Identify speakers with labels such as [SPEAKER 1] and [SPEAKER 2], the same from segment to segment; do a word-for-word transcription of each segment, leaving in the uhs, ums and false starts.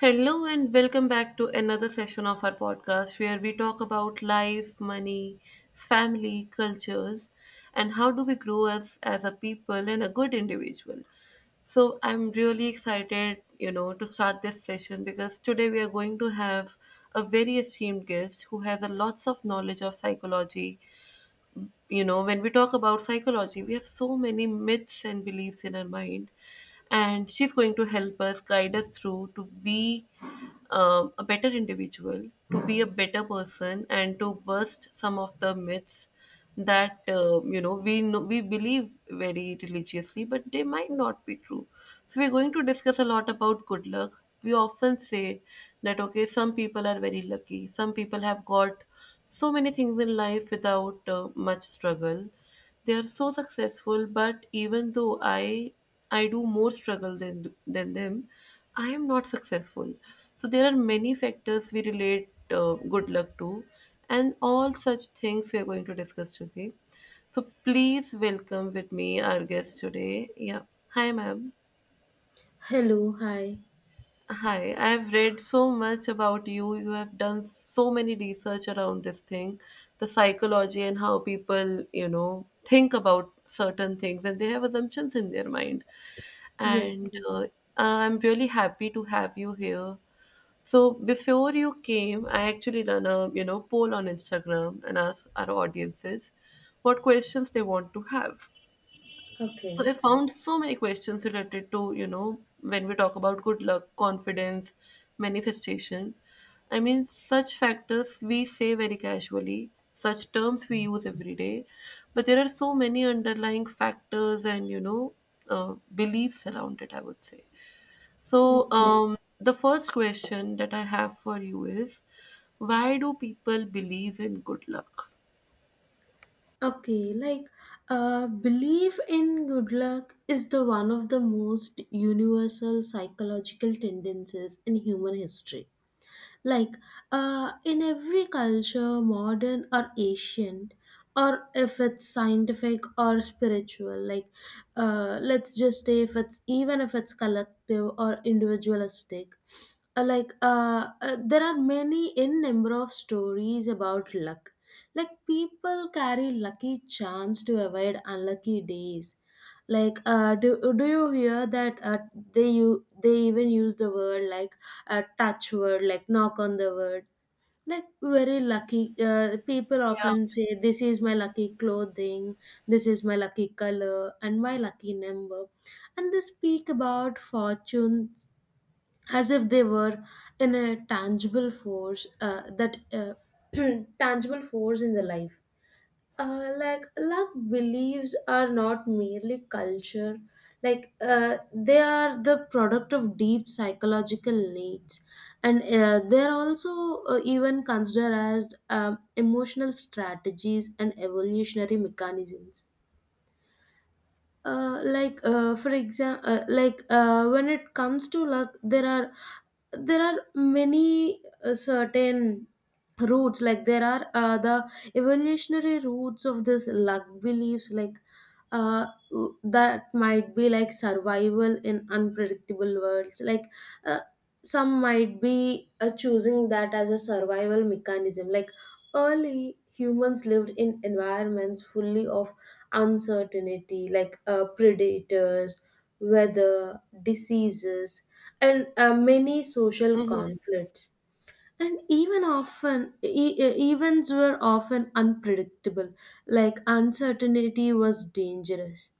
[SPEAKER 1] Hello and welcome back to another session of our podcast where we talk about life, money, family, cultures, and how do we grow as as a people and a good individual. So I'm really excited, you know, to start this session because today we are going to have a very esteemed guest who has a lots of knowledge of psychology. You know when we talk about psychology, we have so many myths and beliefs in our mind, and she's going to help us guide us through to be um, a better individual, to be a better person, and to burst some of the myths that uh, you know we know, we believe very religiously, but they might not be true. So we're going to discuss a lot about good luck. We often say that okay, some people are very lucky, some people have got so many things in life without uh, much struggle. They are so successful, but even though I I do more struggle than than them, I am not successful. So there are many factors we relate uh, good luck to, and all such things we are going to discuss today. So please welcome with me our guest today. Yeah, hi, ma'am.
[SPEAKER 2] Hello, hi.
[SPEAKER 1] Hi, I've read so much about you. You have done so many research around this thing, the psychology and how people, you know, think about certain things, and they have assumptions in their mind.
[SPEAKER 2] Yes.
[SPEAKER 1] And uh, uh, I'm really happy to have you here. So before you came, I actually done a, you know, poll on Instagram and asked our audiences what questions they want to have. So I
[SPEAKER 2] Okay,
[SPEAKER 1] found so many questions related to, you know, when we talk about good luck, confidence, manifestation. I mean, such factors we say very casually, such terms we use every day, but there are so many underlying factors and, you know, uh, beliefs around it, I would say. So,
[SPEAKER 2] okay,
[SPEAKER 1] um, the first question that I have for you is, why do people believe in good luck?
[SPEAKER 2] okay. Like, uh, belief in good luck is the one of the most universal psychological tendencies in human history. Like uh, in every culture, modern or ancient, or if it's scientific or spiritual. Like uh, let's just say, if it's, even if it's, collective or individualistic. uh, like uh, uh, there are many in number of stories about luck. Like people carry lucky charms to avoid unlucky days. Like uh do, do you hear that? Uh, they, you, they even use the word, like uh, touch word, like knock on the word. Like very lucky, uh, people often say this is my lucky clothing, this is my lucky color and my lucky number. And they speak about fortune as if they were in a tangible force, uh, that uh, tangible force in the life. Uh, like luck beliefs are not merely culture. Like uh, they are the product of deep psychological needs. And uh, they're also uh, even considered as um emotional strategies and evolutionary mechanisms. uh, like uh, for example, uh, like uh, when it comes to luck, there are, there are many uh, certain roots. Like there are uh, the evolutionary roots of this luck beliefs. Like uh, w- that might be like survival in unpredictable worlds. Like uh, some might be uh, choosing that as a survival mechanism. Like early humans lived in environments fully of uncertainty, like uh, predators, weather, diseases, and uh, many social
[SPEAKER 1] Mm-hmm.
[SPEAKER 2] conflicts. And even often, e- e- events were often unpredictable, like uncertainty was dangerous.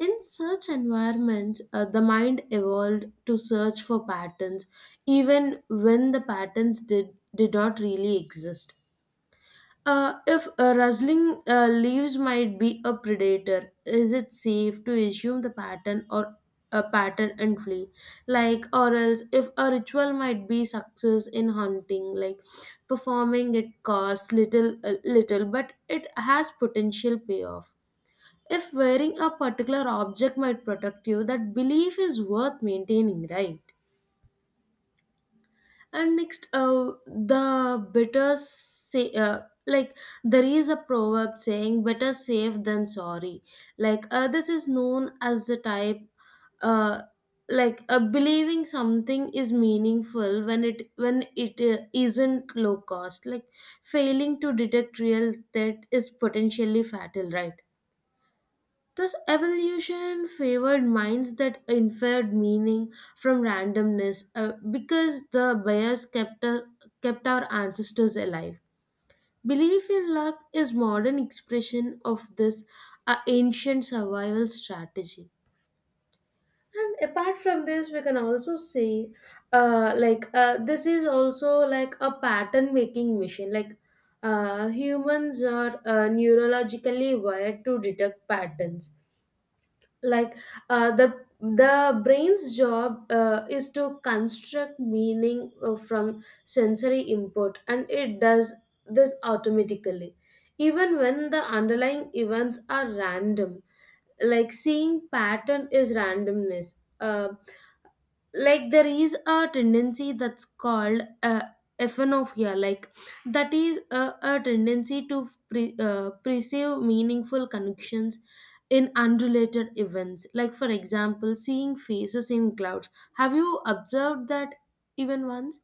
[SPEAKER 2] In such environments, uh, the mind evolved to search for patterns, even when the patterns did, did not really exist. Uh, if a rustling uh, leaves might be a predator, is it safe to assume the pattern, or a pattern, and flee? Like, or else, if a ritual might be success in hunting, like performing it costs little, uh, little, but it has potential payoff. If wearing a particular object might protect you, that belief is worth maintaining, right? And next, uh, the better say, uh, like there is a proverb saying, better safe than sorry. Like uh, this is known as the type. uh, like uh, believing something is meaningful when it when it uh, isn't, low cost. Like failing to detect real threat is potentially fatal, right? This evolution favored minds that inferred meaning from randomness, uh, because the bias kept, our- kept our ancestors alive. Belief in luck is modern expression of this uh, ancient survival strategy. And apart from this, we can also say, uh, like uh, this is also like a pattern making machine. Like uh, humans are uh, neurologically wired to detect patterns, like uh, the the brain's job uh, is to construct meaning uh, from sensory input, and it does this automatically even when the underlying events are random. Like seeing pattern is randomness, uh, like there is a tendency that's called uh, ephenopia. Like that is a, a tendency to pre, uh, perceive meaningful connections in unrelated events, like for example seeing faces in clouds. Have you observed that even once?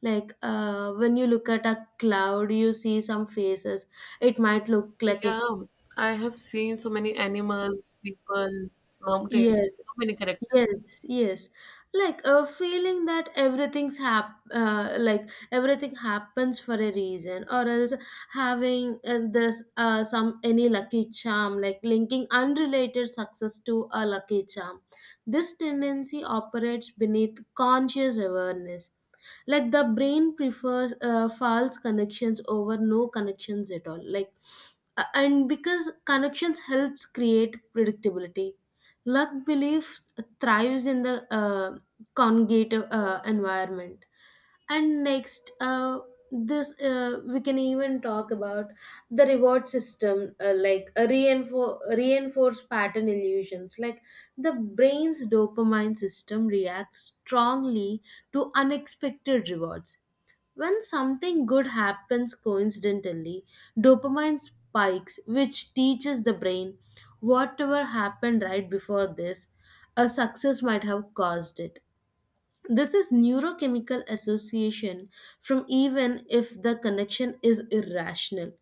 [SPEAKER 2] Like uh, when you look at a cloud, you see some faces. It might look like a.
[SPEAKER 1] Yeah, I have seen so many animals, people, mountains,
[SPEAKER 2] Yes.
[SPEAKER 1] so many characters.
[SPEAKER 2] Yes, yes. Like a feeling that everything's hap uh, like everything happens for a reason, or else having uh, this uh, some any lucky charm, like linking unrelated success to a lucky charm. This tendency operates beneath conscious awareness. Like the brain prefers uh, false connections over no connections at all. Like uh, and because connections helps create predictability, luck beliefs thrives in the uh, congregate uh, environment. And next, uh, this uh, we can even talk about the reward system, uh, like a reinfor- reinforced pattern illusions. Like the brain's dopamine system reacts strongly to unexpected rewards. When something good happens coincidentally, dopamine spikes, which teaches the brain whatever happened right before this, a success might have caused it. This is neurochemical association, from even if the connection is irrational.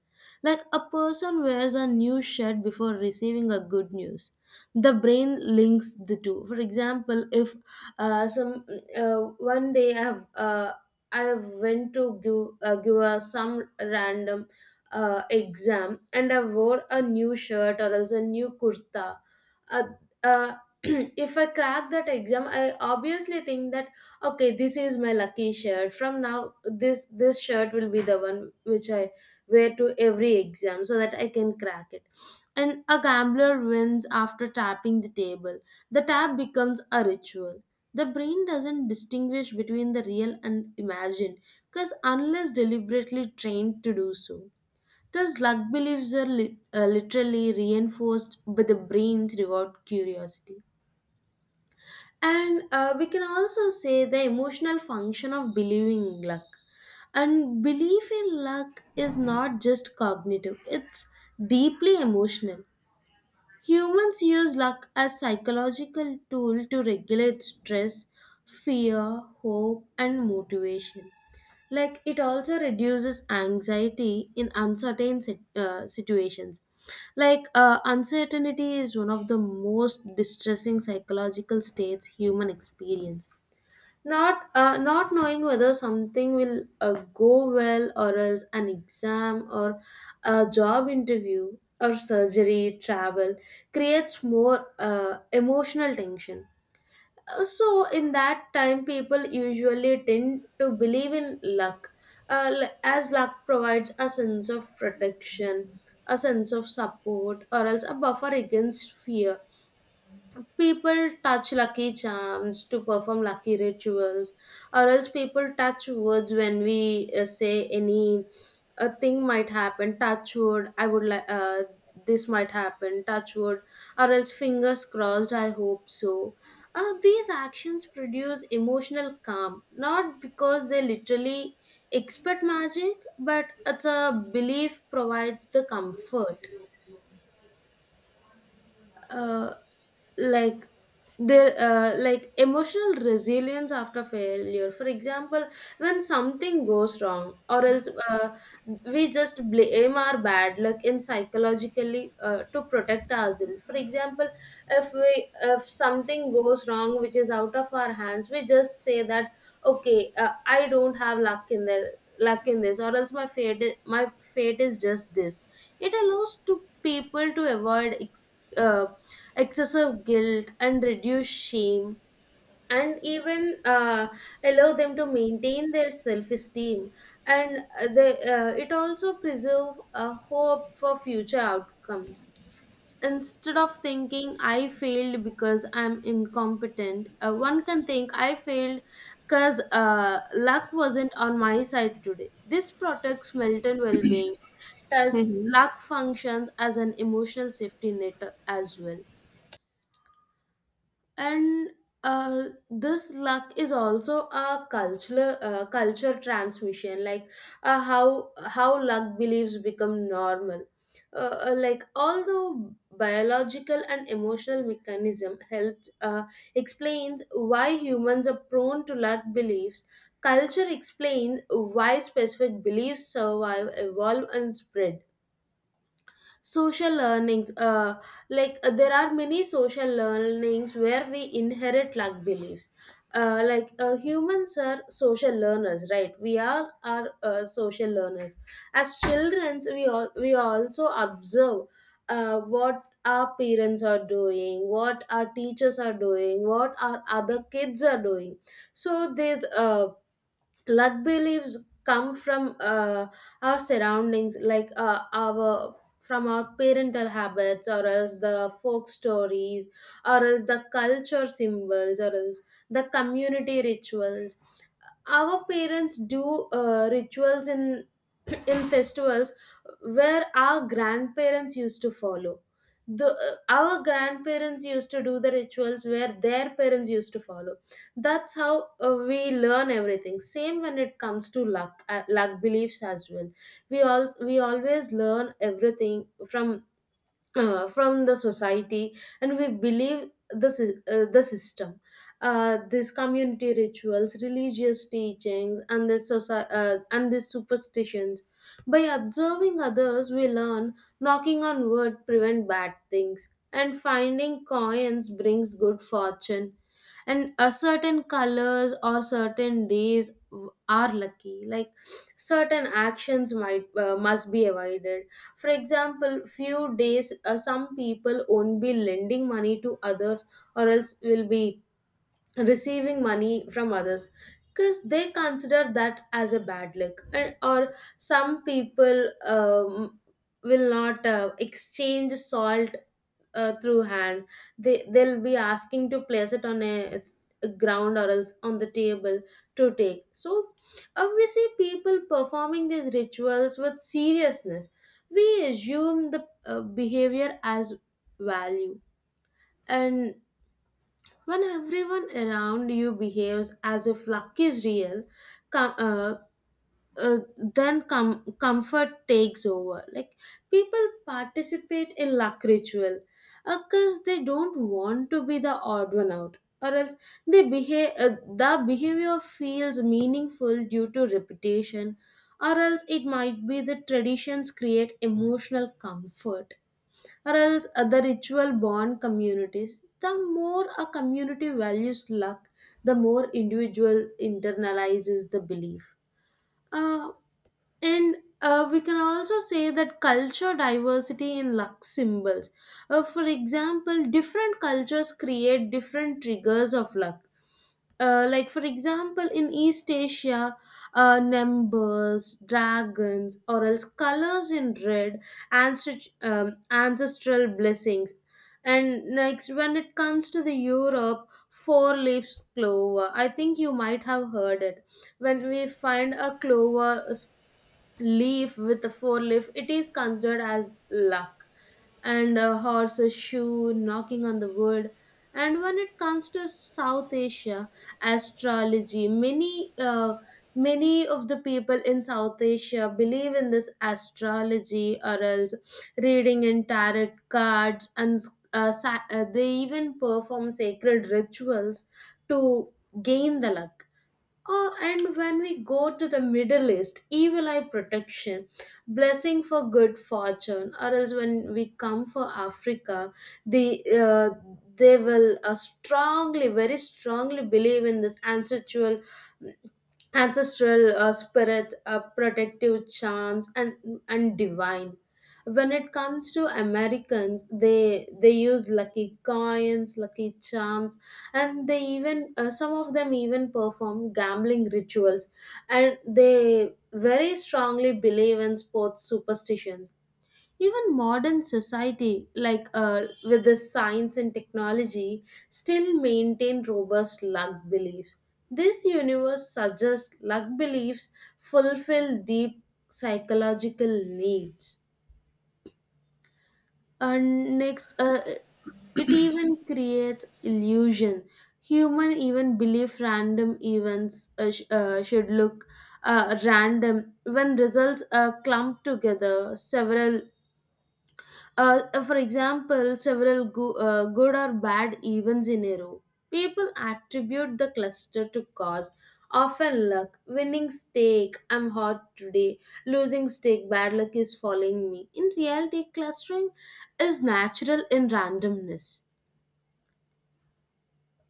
[SPEAKER 2] Like a person wears a new shirt before receiving a good news. The brain links the two. For example, if uh, some uh, one day I have uh, I have went to give uh, give a some random uh, exam, and I wore a new shirt or else a new kurta. Uh, uh, if I crack that exam, I obviously think that, okay, this is my lucky shirt. From now, this this shirt will be the one which I wear to every exam, so that I can crack it. And a gambler wins after tapping the table. The tap becomes a ritual. The brain doesn't distinguish between the real and imagined, because, unless deliberately trained to do so. Thus, luck beliefs are li- uh, literally reinforced by the brain's reward curiosity. And uh, we can also say the emotional function of believing in luck. And belief in luck is not just cognitive, it's deeply emotional. Humans use luck as psychological tool to regulate stress, fear, hope and motivation. Like it also reduces anxiety in uncertain sit- uh, situations. Like uh, uncertainty is one of the most distressing psychological states human experience. Not uh, not knowing whether something will uh, go well, or else an exam, or a job interview, or surgery, travel, creates more uh, emotional tension. Uh, so in that time people usually tend to believe in luck, uh, l- as luck provides a sense of protection, a sense of support, or else a buffer against fear. People touch lucky charms to perform lucky rituals, or else people touch woods when we uh, say any a thing might happen. Touch wood, I would like uh, this might happen. Touch wood, or else fingers crossed, I hope so. Uh, these actions produce emotional calm, not because they literally expect magic, but it's a belief provides the comfort. Uh, like there uh, like emotional resilience after failure, for example, when something goes wrong, or else uh, we just blame our bad luck in psychologically uh, to protect ourselves. For example, if we, if something goes wrong which is out of our hands, we just say that, okay, uh, I don't have luck in there, luck in this, or else my fate, i- my fate is just this. It allows to people to avoid ex- uh, excessive guilt and reduce shame, and even uh, allow them to maintain their self-esteem. And uh, they, uh, it also preserve a hope for future outcomes. Instead of thinking I failed because I'm incompetent, uh, one can think I failed because uh, luck wasn't on my side today. This protects mental well-being. Does
[SPEAKER 1] Hmm.
[SPEAKER 2] luck functions as an emotional safety net as well. And uh, this luck is also a cultural uh, culture transmission. Like uh, how how luck beliefs become normal. Uh, uh, like although biological and emotional mechanism helped uh, explains why humans are prone to luck beliefs, culture explains why specific beliefs survive, evolve and spread. Social learnings, uh, like uh, there are many social learnings where we inherit like beliefs. Uh, like uh, humans are social learners, right? We all are uh, social learners. As children, we all we also observe uh, what our parents are doing, what our teachers are doing, what our other kids are doing. So there's uh, luck beliefs come from uh, our surroundings, like uh, our from our parental habits, or else the folk stories, or else the culture symbols, or else the community rituals. Our parents do uh, rituals in in festivals where our grandparents used to follow. The uh, our grandparents used to do the rituals where their parents used to follow. That's how uh, we learn everything. Same when it comes to luck, uh, luck beliefs as well. We all we always learn everything from uh, from the society, and we believe the, sy- uh, the system. Uh, these community rituals, religious teachings, and the soci- uh, and the superstitions, by observing others, we learn, knocking on wood prevent bad things, and finding coins brings good fortune, and a certain colors or certain days w- are lucky. Like certain actions might uh, must be avoided. For example, few days, uh, some people won't be lending money to others, or else will be receiving money from others, because they consider that as a bad luck. And or some people um, will not uh, exchange salt uh, through hand. They, they'll be asking to place it on a, s- a ground, or else on the table, to take. So uh, we see people performing these rituals with seriousness, we assume the uh, behavior as value. And when everyone around you behaves as if luck is real, com- uh, uh, then com- comfort takes over. Like people participate in luck ritual because they don't want to be the odd one out, or else they behave. Uh, the behavior feels meaningful due to repetition, or else it might be the traditions create emotional comfort or else other ritual bond communities. The more a community values luck, the more individual internalizes the belief. Uh, and uh, We can also say that culture diversity in luck symbols. Uh, for example, different cultures create different triggers of luck. Uh, like for example in east asia uh, numbers dragons or else colors in red ancest- um, ancestral blessings. And next when it comes to the europe four leaves clover, I think you might have heard it. When we find a clover s- leaf with a four leaf, it is considered as luck, and a horse's shoe knocking on the wood. And when it comes to South Asia astrology, many uh, many of the people in South Asia believe in this astrology, or else reading in tarot cards, and uh, sa- uh, they even perform sacred rituals to gain the luck uh, And when we go to the Middle East, evil eye protection, blessing for good fortune, or else when we come for Africa, the uh, they will uh, strongly, very strongly believe in this ancestral ancestral uh, spirit, uh, protective charms, and and divine. When it comes to Americans, they they use lucky coins, lucky charms, and they even uh, some of them even perform gambling rituals, and they very strongly believe in sports superstitions. Even modern society like uh, with the science and technology still maintain robust luck beliefs. This universe suggests luck beliefs fulfill deep psychological needs. And next uh, it even creates illusion. Human even believe random events uh, sh- uh, should look uh, random when results are clumped together several. Uh, uh, for example, several go- uh, good or bad events in a row. People attribute the cluster to cause, often luck, winning stake, I'm hot today, losing stake, bad luck is following me. In reality, clustering is natural in randomness.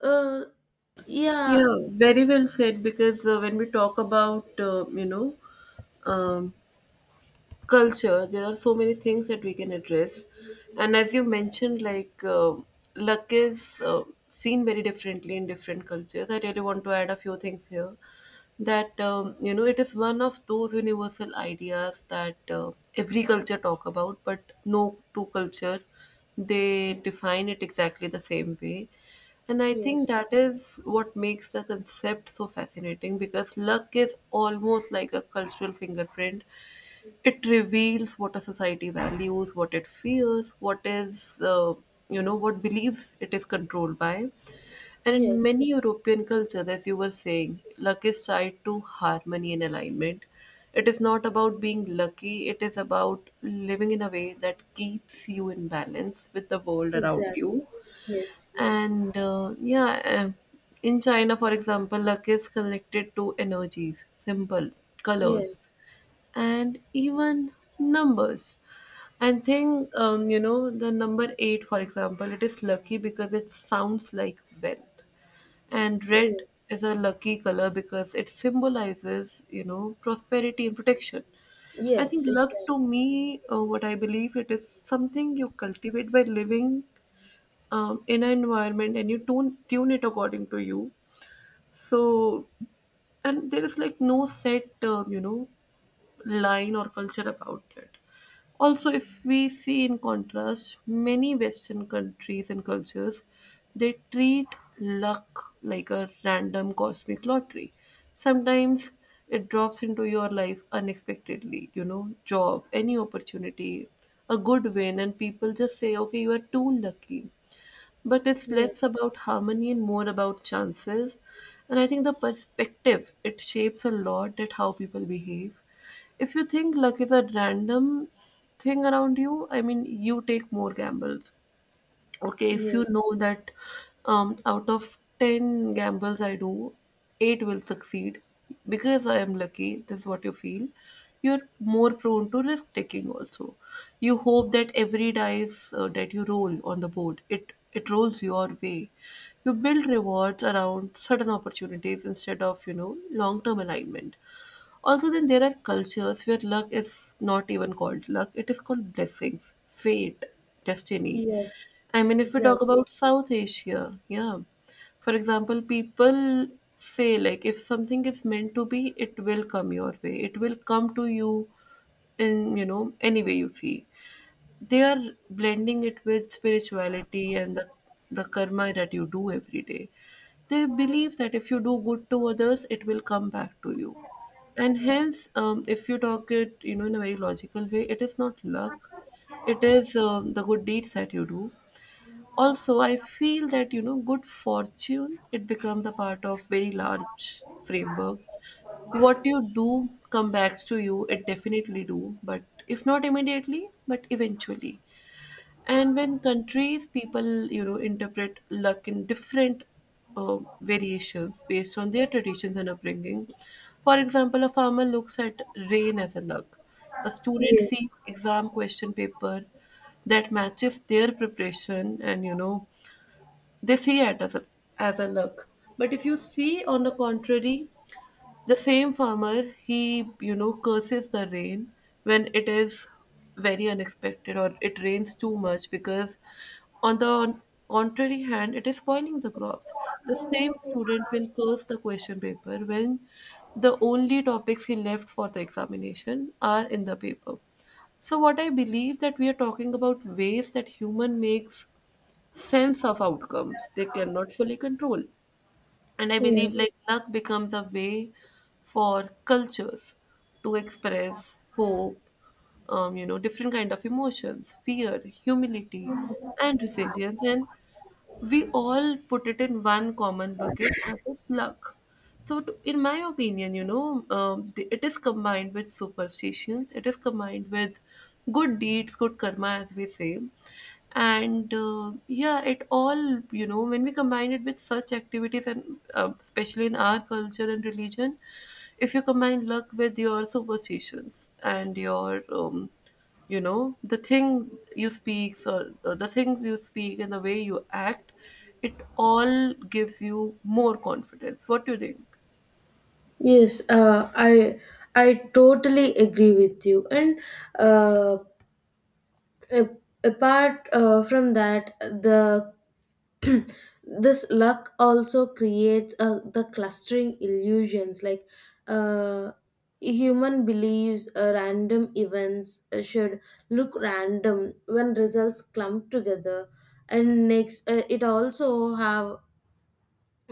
[SPEAKER 2] Uh, yeah,
[SPEAKER 1] Yeah, very well said. Because uh, when we talk about, uh, you know, um, culture, there are so many things that we can address, and as you mentioned, like um luck is uh, seen very differently in different cultures. I really want to add a few things here, that um, you know it is one of those universal ideas that uh, every culture talk about, but no two culture, they define it exactly the same way. And I think
[SPEAKER 2] yes,
[SPEAKER 1] that is what makes the concept so fascinating, because luck is almost like a cultural fingerprint. It reveals what a society values, what it fears, what is, uh, you know, what beliefs it is controlled by. And in
[SPEAKER 2] yes,
[SPEAKER 1] many European cultures, as you were saying, luck is tied to harmony and alignment. It is not about being lucky, it is about living in a way that keeps you in balance with the world around
[SPEAKER 2] exactly.
[SPEAKER 1] you.
[SPEAKER 2] Yes, yes,
[SPEAKER 1] And uh, yeah, uh, in China, for example, luck is connected to energies, symbol, colors,
[SPEAKER 2] yes,
[SPEAKER 1] and even numbers. And think, um, you know, the number eight, for example, it is lucky because it sounds like wealth. And red
[SPEAKER 2] yes,
[SPEAKER 1] is a lucky color, because it symbolizes, you know, prosperity and protection. I think
[SPEAKER 2] yes,
[SPEAKER 1] luck to
[SPEAKER 2] exactly.
[SPEAKER 1] me, uh, what I believe, it is something you cultivate by living um, in an environment, and you tune tune it according to you. So, and there is like no set, uh, you know, line or culture about it. Also, if we see in contrast, many Western countries and cultures, they treat luck like a random cosmic lottery. Sometimes it drops into your life unexpectedly, you know, job, any opportunity, a good win, and people just say, okay, you are too lucky, but it's
[SPEAKER 2] Yes,
[SPEAKER 1] less about harmony and more about chances. And I think the perspective, it shapes a lot at how people behave. If you think luck is a random thing around you, I mean, you take more gambles. Okay, if you
[SPEAKER 2] yes,
[SPEAKER 1] know that um, out of ten gambles I do, eight will succeed because I am lucky, this is what you feel. You're more prone to risk taking also. You hope that every dice uh, that you roll on the board, it, it rolls your way. You build rewards around certain opportunities instead of, you know, long term alignment. Also, then there are cultures where luck is not even called luck, it is called blessings, fate, destiny.
[SPEAKER 2] yes,
[SPEAKER 1] I mean, if we talk
[SPEAKER 2] exactly.
[SPEAKER 1] about South Asia, yeah. For example, people say, like, if something is meant to be, it will come your way, it will come to you in, you know, any way you see, they are blending it with spirituality and the, the karma that you do every day. They believe that if you do good to others, it will come back to you. And hence, um, if you talk it, you know, in a very logical way, it is not luck. It is um, the good deeds that you do. Also, I feel that, you know, good fortune, it becomes a part of very large framework. What you do come back to you, it definitely do, but if not immediately, but eventually. And when countries, people you know interpret luck in different uh, variations based on their traditions and upbringing. For example, a farmer looks at rain as a luck, a student
[SPEAKER 2] Yes,
[SPEAKER 1] sees exam question paper that matches their preparation, and you know they see it as a as a luck. But if you see on the contrary, the same farmer, he, you know, curses the rain when it is very unexpected, or it rains too much because, on the contrary hand, it is spoiling the crops. The same student will curse the question paper when the only topics he left for the examination are in the paper. So what I believe, that we are talking about ways that human makes sense of outcomes they cannot fully control. And I
[SPEAKER 2] yeah,
[SPEAKER 1] believe, like, luck becomes a way for cultures to express hope, um, you know, different kind of emotions, fear, humility, and resilience. And we all put it in one common bucket, that is luck. So to, in my opinion, you know um, the, it is combined with superstitions, it is combined with good deeds, good karma, as we say. And uh, yeah, it all, you know when we combine it with such activities, and uh, especially in our culture and religion, if you combine luck with your superstitions and your um, you know the thing you speak, or, or the thing you speak and the way you act, it all gives you more confidence. What do you think?
[SPEAKER 2] yes. Uh, I I totally agree with you. And uh, a- apart uh, from that, the this luck also creates uh, the clustering illusions. Like uh, human believes uh, random events uh, should look random when results clump together. And next, uh, it also have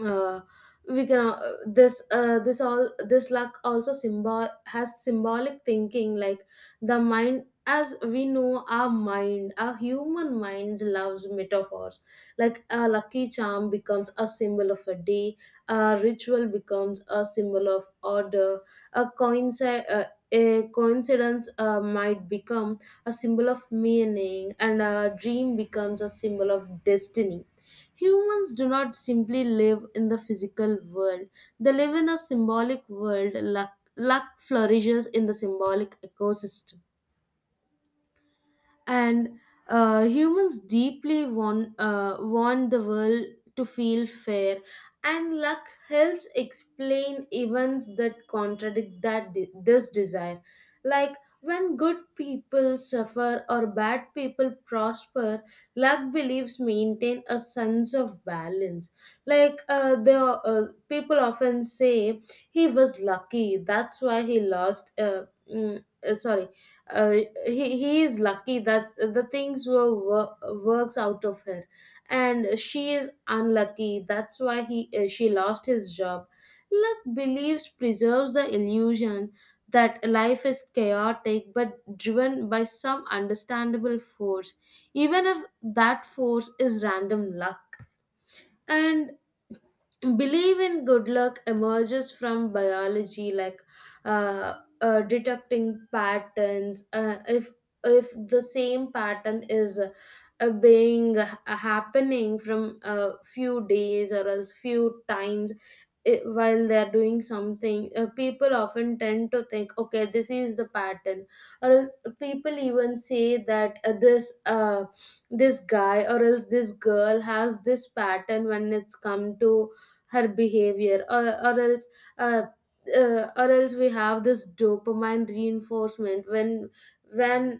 [SPEAKER 2] uh, we can uh, this uh, this all This luck also symbol has symbolic thinking. Like the mind, as we know, our mind our human minds loves metaphors. Like a lucky charm becomes a symbol of a day, a ritual becomes a symbol of order, a coinci- uh, a coincidence uh, might become a symbol of meaning, and a dream becomes a symbol of destiny. Humans do not simply live in the physical world, they live in a symbolic world. Luck, luck flourishes in the symbolic ecosystem, and uh, humans deeply want uh, want the world to feel fair, and luck helps explain events that contradict that de- this desire. Like when good people suffer or bad people prosper, luck believes maintain a sense of balance. Like uh, the uh, people often say he was lucky that's why he lost uh, mm, uh, Sorry, uh, he, he is lucky that the things were wor- works out of her, and she is unlucky that's why he uh, she lost his job. Luck believes preserves the illusion that life is chaotic but driven by some understandable force, even if that force is random luck. And believe in good luck emerges from biology, like uh, uh, detecting patterns. Uh, if if the same pattern is uh, being uh, happening from a few days or else few times, i- while they're doing something, uh, people often tend to think okay this is the pattern, or else people even say that uh, this uh, this guy or else this girl has this pattern when it's come to her behavior or, or else uh, uh, or else we have this dopamine reinforcement when when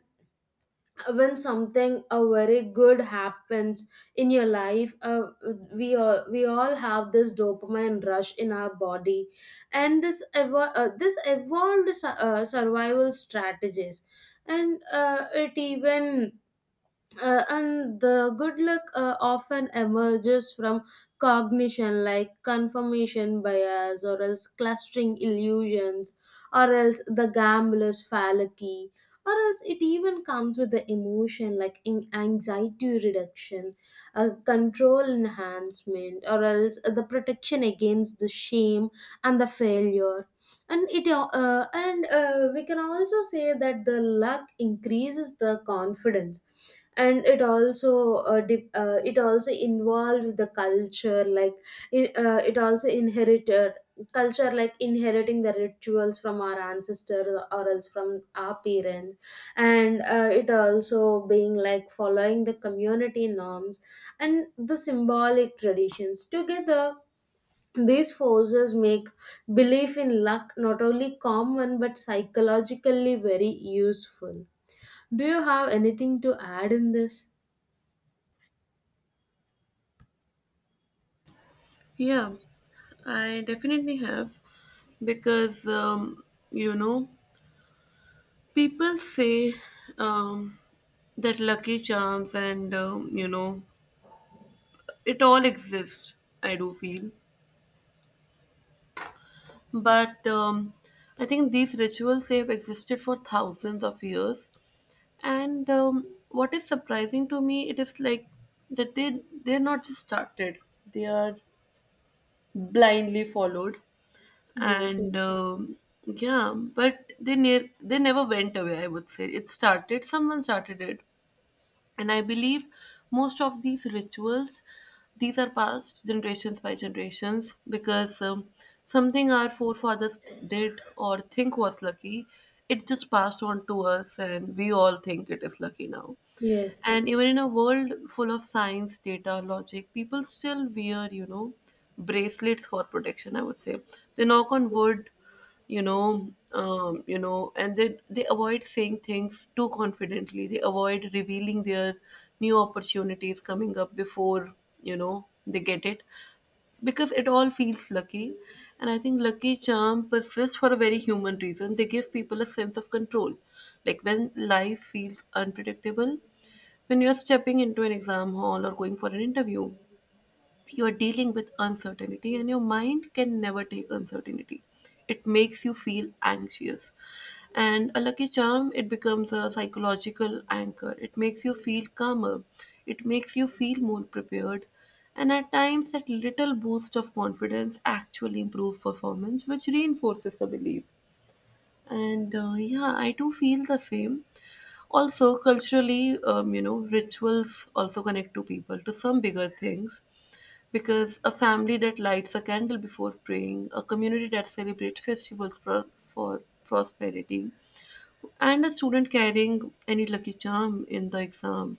[SPEAKER 2] when something a very good happens in your life uh, we all we all have this dopamine rush in our body. And this evo- uh, this evolved su- uh, survival strategies. And uh, it even uh, and the good luck uh, often emerges from cognition like confirmation bias or else clustering illusions or else the gambler's fallacy, or else it even comes with the emotion like in anxiety reduction, uh, control enhancement or else the protection against the shame and the failure. And it uh, uh, and uh, we can also say that the luck increases the confidence. And it also uh, dip, uh, it also involved the culture, like it, uh, it also inherited culture like inheriting the rituals from our ancestors or else from our parents. And uh, it also being like following the community norms and the symbolic traditions together. These forces make belief in luck not only common but psychologically very useful. Do you have anything to add in this?
[SPEAKER 1] Yeah, I definitely have, because um, you know people say, um, that lucky charms and, um, you know it all exists, I do feel. But um, I think these rituals they have existed for thousands of years. And um, what is surprising to me, it is like that they they're not just started; they are blindly followed.
[SPEAKER 2] Yes,
[SPEAKER 1] And
[SPEAKER 2] exactly.
[SPEAKER 1] um, yeah, but they ne- they never went away. I would say it started. Someone started it, and I believe most of these rituals, these are passed generations by generations, because um, something our forefathers did or think was lucky, it just passed on to us, and we all think it is lucky now.
[SPEAKER 2] Yes,
[SPEAKER 1] And even in a world full of science, data, logic, people still wear, you know, bracelets for protection, I would say. They knock on wood, you know, um, you know, and they they avoid saying things too confidently. They avoid revealing their new opportunities coming up before, you know, they get it, because it all feels lucky. And I think lucky charm persists for a very human reason. They give people a sense of control. Like, when life feels unpredictable, when you're stepping into an exam hall or going for an interview, you are dealing with uncertainty, and your mind can never take uncertainty. It makes you feel anxious, and a lucky charm, it becomes a psychological anchor. It makes you feel calmer, it makes you feel more prepared, and at times that little boost of confidence actually improves performance, which reinforces the belief. And uh, yeah, I do feel the same. Also, culturally, um, you know rituals also connect to people to some bigger things, because a family that lights a candle before praying, a community that celebrates festivals pro- for prosperity, and a student carrying any lucky charm in the exam.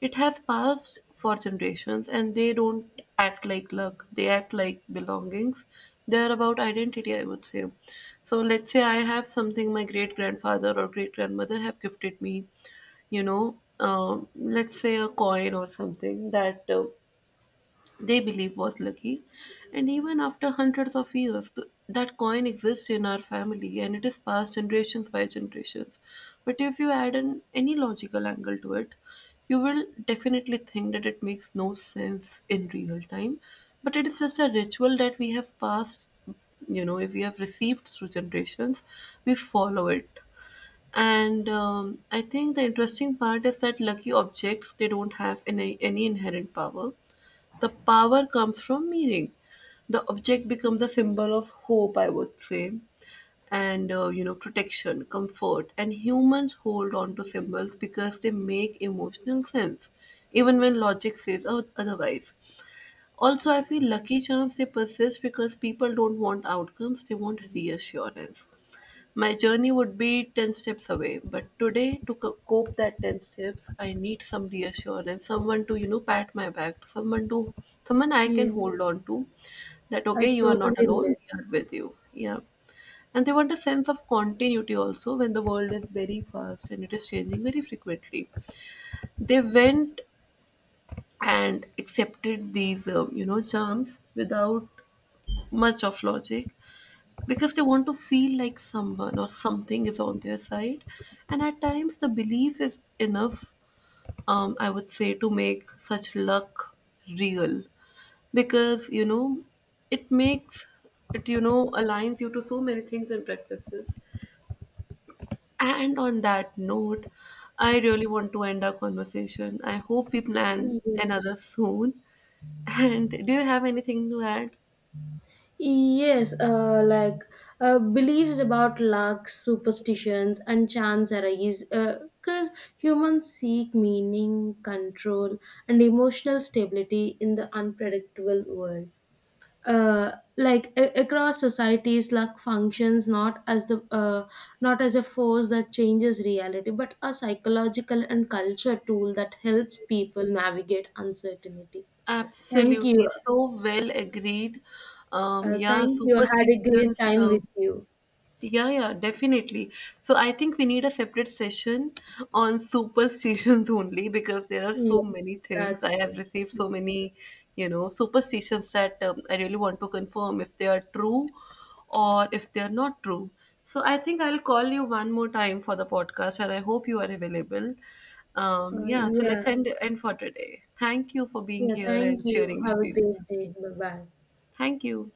[SPEAKER 1] It has passed for generations, and they don't act like luck, they act like belongings. They are about identity, I would say. So let's say I have something my great grandfather or great grandmother have gifted me, you know, um, let's say a coin or something that. Uh, they believe was lucky. And even after hundreds of years, th- that coin exists in our family, and it is passed generations by generations. But if you add an any logical angle to it, you will definitely think that it makes no sense in real time. But it is just a ritual that we have passed, you know, if we have received through generations, we follow it. And um, I think the interesting part is that lucky objects, they don't have any any inherent power. The power comes from meaning. The object becomes a symbol of hope, I would say, and uh, you know, protection, comfort. And humans hold on to symbols because they make emotional sense, even when logic says oth- otherwise. Also, I feel lucky charms, they persist because people don't want outcomes, they want reassurance. My journey would be ten steps away, but today, to co- cope that ten steps, I need some reassurance, someone to, you know, pat my back, someone to someone I can
[SPEAKER 2] yes.
[SPEAKER 1] hold on to, that
[SPEAKER 2] I
[SPEAKER 1] okay, you are not
[SPEAKER 2] totally
[SPEAKER 1] alone,
[SPEAKER 2] relate.
[SPEAKER 1] we are with you. Yeah. And they want a sense of continuity also, when the world is very fast and it is changing very frequently. They went and accepted these, um, you know, charms without much of logic, because they want to feel like someone or something is on their side. And at times, the belief is enough, um, I would say, to make such luck real, because you know it makes it, you know aligns you to so many things and practices. And on that note, I really want to end our conversation. I hope we plan another
[SPEAKER 2] Yes.
[SPEAKER 1] soon. And do you have anything to add?
[SPEAKER 2] Yes, uh, like uh, beliefs about luck, superstitions, and chance arise because humans seek meaning, control, and emotional stability in the unpredictable world. Uh, like a- across societies luck functions not as the uh, not as a force that changes reality but a psychological and culture tool that helps people navigate uncertainty. Thank
[SPEAKER 1] Absolutely,
[SPEAKER 2] you.
[SPEAKER 1] so well agreed. Um,
[SPEAKER 2] Uh,
[SPEAKER 1] yeah,
[SPEAKER 2] thank you, I had a great
[SPEAKER 1] superstitions.
[SPEAKER 2] time
[SPEAKER 1] Uh,
[SPEAKER 2] with you.
[SPEAKER 1] yeah, yeah, definitely. So I think we need a separate session on superstitions only because there are
[SPEAKER 2] Yeah,
[SPEAKER 1] so many things.
[SPEAKER 2] that's
[SPEAKER 1] I have
[SPEAKER 2] true,
[SPEAKER 1] received so
[SPEAKER 2] that's true.
[SPEAKER 1] many, you know, superstitions that um, I really want to confirm if they are true, or if they are not true. So I think I'll call you one more time for the podcast, and I hope you are available. Um,
[SPEAKER 2] Uh,
[SPEAKER 1] yeah, so
[SPEAKER 2] yeah,
[SPEAKER 1] let's end end for today. Thank you for being
[SPEAKER 2] yeah,
[SPEAKER 1] here
[SPEAKER 2] thank
[SPEAKER 1] and
[SPEAKER 2] you,
[SPEAKER 1] sharing your
[SPEAKER 2] have a great
[SPEAKER 1] views.
[SPEAKER 2] day, bye bye.
[SPEAKER 1] Thank you.